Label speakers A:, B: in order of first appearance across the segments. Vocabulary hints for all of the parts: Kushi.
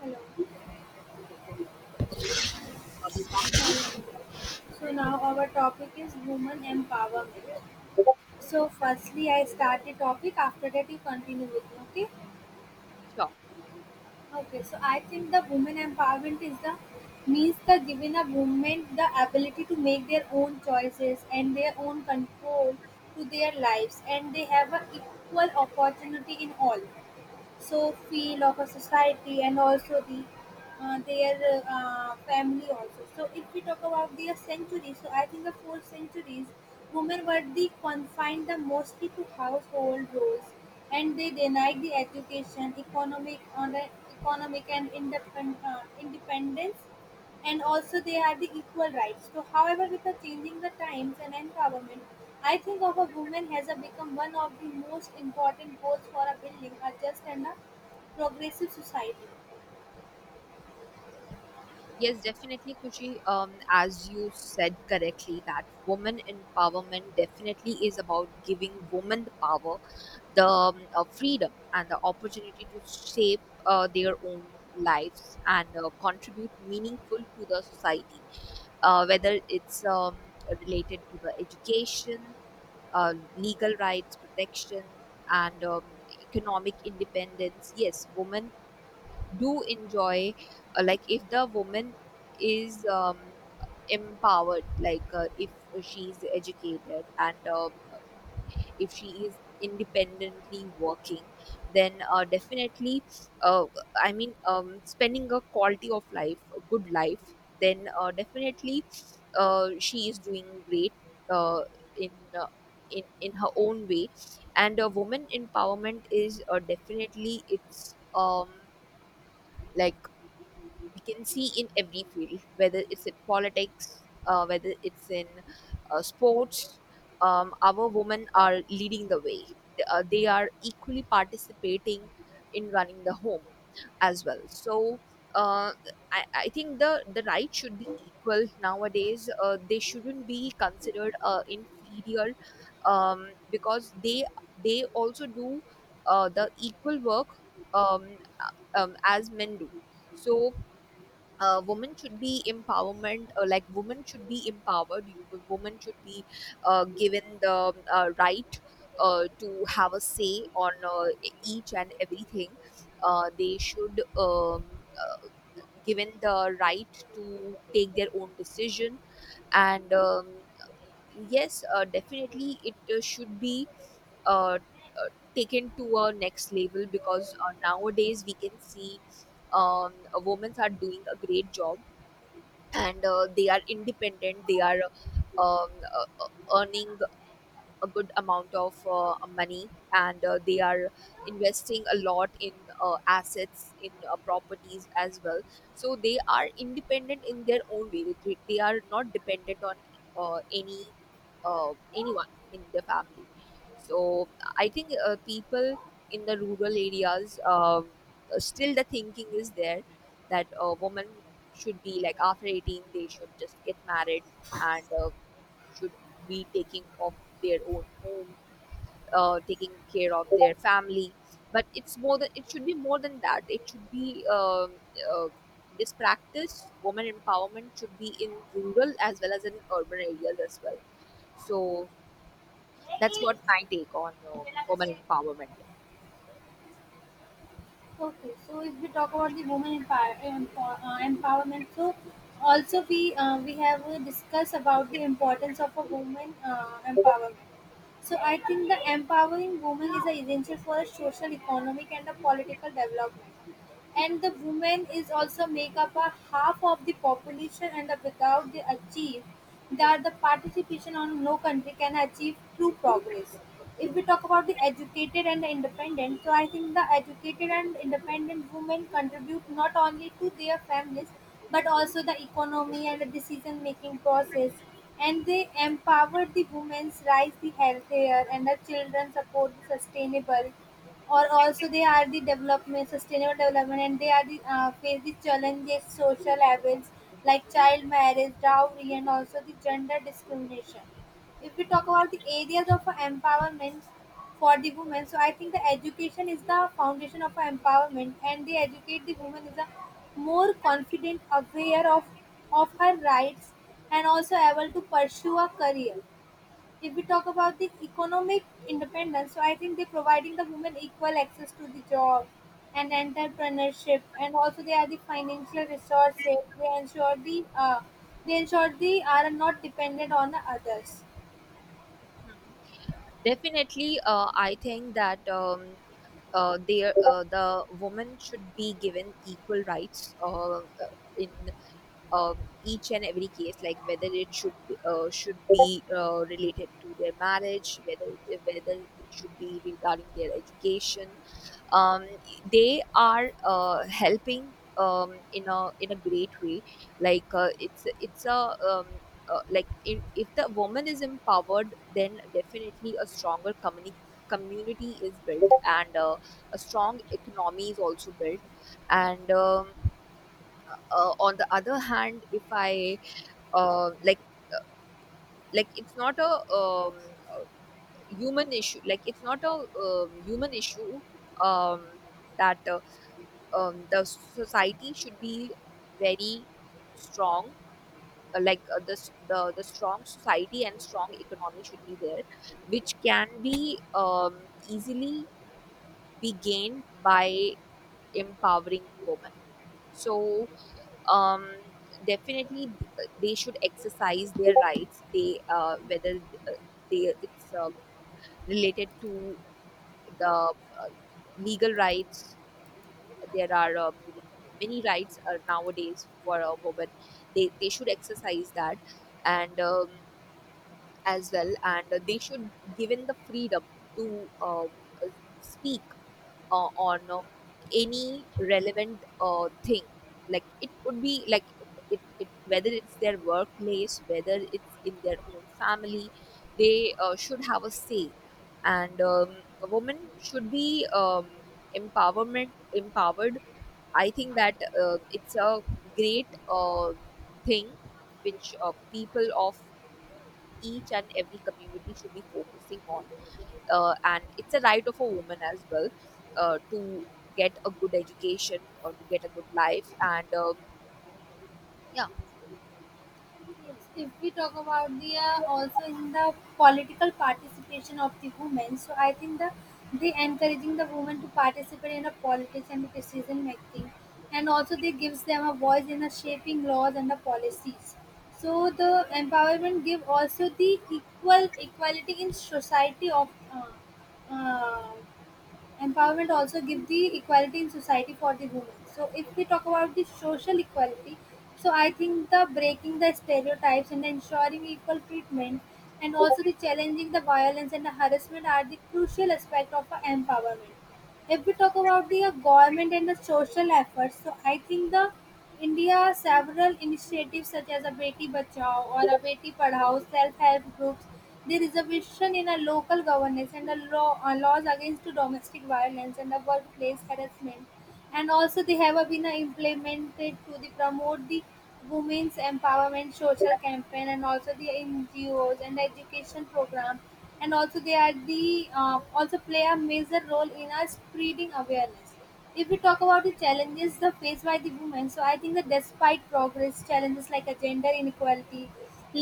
A: Hello. So now our topic is women empowerment. So firstly, I start the topic. After that, you continue with me. Okay.
B: Sure.
A: Okay. So I think the women empowerment is the means the giving a woman the ability to make their own choices and their own control to their lives, and they have a equal opportunity in all. So feel of a society and also the their family also. So if we talk about their centuries, so I think the four centuries women were the confined the mostly to household roles, and they denied the education economic on the economic and independence, and also they have the equal rights. So, however, with the changing the times and empowerment, I think of a woman has a become one of the most important goals for a building a just and a progressive society.
B: Yes, definitely, Kushi. As you said correctly, that woman empowerment definitely is about giving women the power, the freedom, and the opportunity to shape their own lives and contribute meaningful to the society. Whether it's related to the education, legal rights protection, and economic independence. Yes, women do enjoy, like if the woman is empowered, like if she is educated, and if she is independently working, then definitely uh, I mean, spending a quality of life, a good life, then definitely she is doing great uh, in uh, in her own way. And woman empowerment is, definitely it's like we can see in every field, whether it's in politics, whether it's in sports. Our women are leading the way. They are equally participating in running the home as well. So uh, I think the right should be equal nowadays. They shouldn't be considered inferior, because they also do the equal work, as men do. So women should be empowered, you women should be given the right to have a say on each and everything. They should, given the right to take their own decision, and yes, definitely it should be uh, uh, taken to a next level, because nowadays we can see women are doing a great job. And they are independent, they are, uh, uh, earning a good amount of money, and they are investing a lot in assets, in properties as well. So they are independent in their own way, they are not dependent on uh, any anyone in the family. So I think people in the rural areas, still the thinking is there that a woman should be like after 18 they should just get married, and should be taking of their own home, taking care of their family. But it's more than, it should be more than that. It should be, uh, this practice, woman empowerment should be in rural as well as in urban areas as well. So that's what my take on woman empowerment.
A: Okay, so if we talk about the women empowerment, so also we have discussed about the importance of a woman empowerment. So I think the empowering women is a essential for a social, economic, and a political development. And the women is also make up a half of the population, and the without they achieve that the participation on no country can achieve true progress. If we talk about the educated and the independent, so I think the educated and independent women contribute not only to their families but also the economy and the decision making process. And they empowered the women's rights, the healthier, and the children support the sustainable. Or also they are the development, sustainable development, and they are the face the challenges, social evils like child marriage, dowry, and also the gender discrimination. If we talk about the areas of empowerment for the women, so I think the education is the foundation of empowerment, and they educate the woman is a more confident, aware of her rights, and also able to pursue a career. If we talk about the economic independence, so I think they're providing the women equal access to the job and entrepreneurship, and also they are the financial resources. They ensure the they are not dependent on the others.
B: Hmm. Definitely, I think that, the woman should be given equal rights in, each and every case, like whether it should be related to their marriage, whether it should be regarding their education. Um, they are helping, in a great way. Like it's a um, like in, if the woman is empowered, then definitely a community is built, and a strong economy is also built. And on the other hand, if I uh, like like it's not a, human issue, like it's not a, human issue, um, that the society should be very strong. Uh, like uh, the, s- the the strong society and strong economy should be there, which can be easily be gained by empowering women. So, um, definitely they should exercise their rights, they whether uh, they it's, related to the, legal rights. There are, many rights nowadays for a woman. They should exercise that. And as well, and they should, given the freedom to, uh, speak on any relevant thing. Like it could be like it whether it's their workplace, whether it's in their own family, they should have a say. And a woman should be, empowerment empowered. I think that it's a great thing which people of each and every community should be focusing on. And it's a right of a woman as well, to get a good education, or to get a good life. And yeah,
A: Yes, if we talk about the also in the political participation of the women, so I think the they encouraging the women to participate in the politics and the decision making, and also they gives them a voice in the shaping laws and the policies. So the empowerment give also the equal equality in society of uh, uh, empowerment also gives the equality in society for the women. So if we talk about the social equality, so I think the breaking the stereotypes and ensuring equal treatment, and also the challenging the violence and the harassment are the crucial aspect of a empowerment. If we talk about the government and the social efforts, so I think the India several initiatives such as a Beti Bachao or a Beti Padhao, self-help groups, the reservation in a local governance and the laws against domestic violence and the workplace harassment, and also they have a been implemented to the promote the women's empowerment social campaign, and also the NGOs and education program, and also they are the also play a major role in our spreading awareness. If we talk about the challenges the faced by the women, so I think that despite progress, challenges like a gender inequality,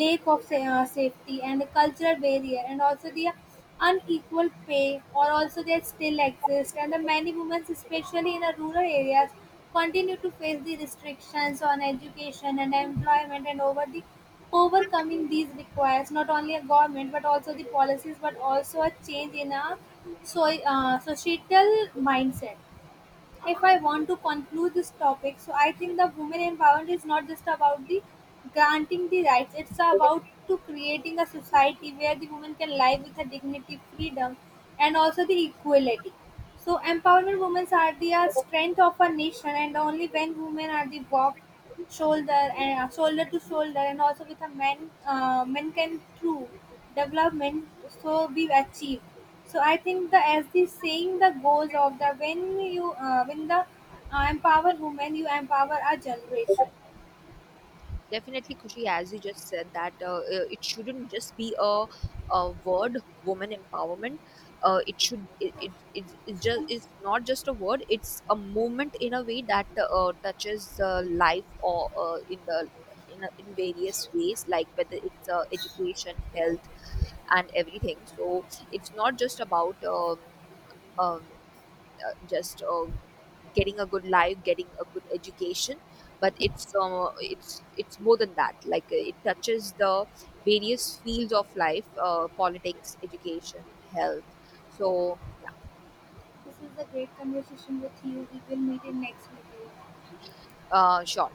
A: lack of safety and the cultural barrier, and also the unequal pay or also they still exist, and the many women, especially in the rural areas, continue to face the restrictions on education and employment, and over the overcoming these requires not only a government but also the policies, but also a change in a so societal mindset. If I want to conclude this topic, so I think the women empowerment is not just about the granting the rights; it's about to creating a society where the women can live with a dignity, freedom, and also the equality. So empowerment women are the strength of a nation, and only when women are the walk shoulder and shoulder to shoulder, and also with a man, men can through development so be achieved. So I think the as the saying the goes of the when you when the empower women, you empower a generation.
B: definitely, Kushi, as you just said that, it shouldn't just be a word, woman empowerment. It should it, it, it's just It's not just a word, it's a movement, in a way that touches life, or in the in various ways, like whether it's education, health, and everything. So it's not just about, um, just getting a good life, getting a good education, but it's, it's more than that. Like it touches the various fields of life: politics, education, health. So yeah,
A: This is a great conversation with you. We will meet in next video.
B: sure.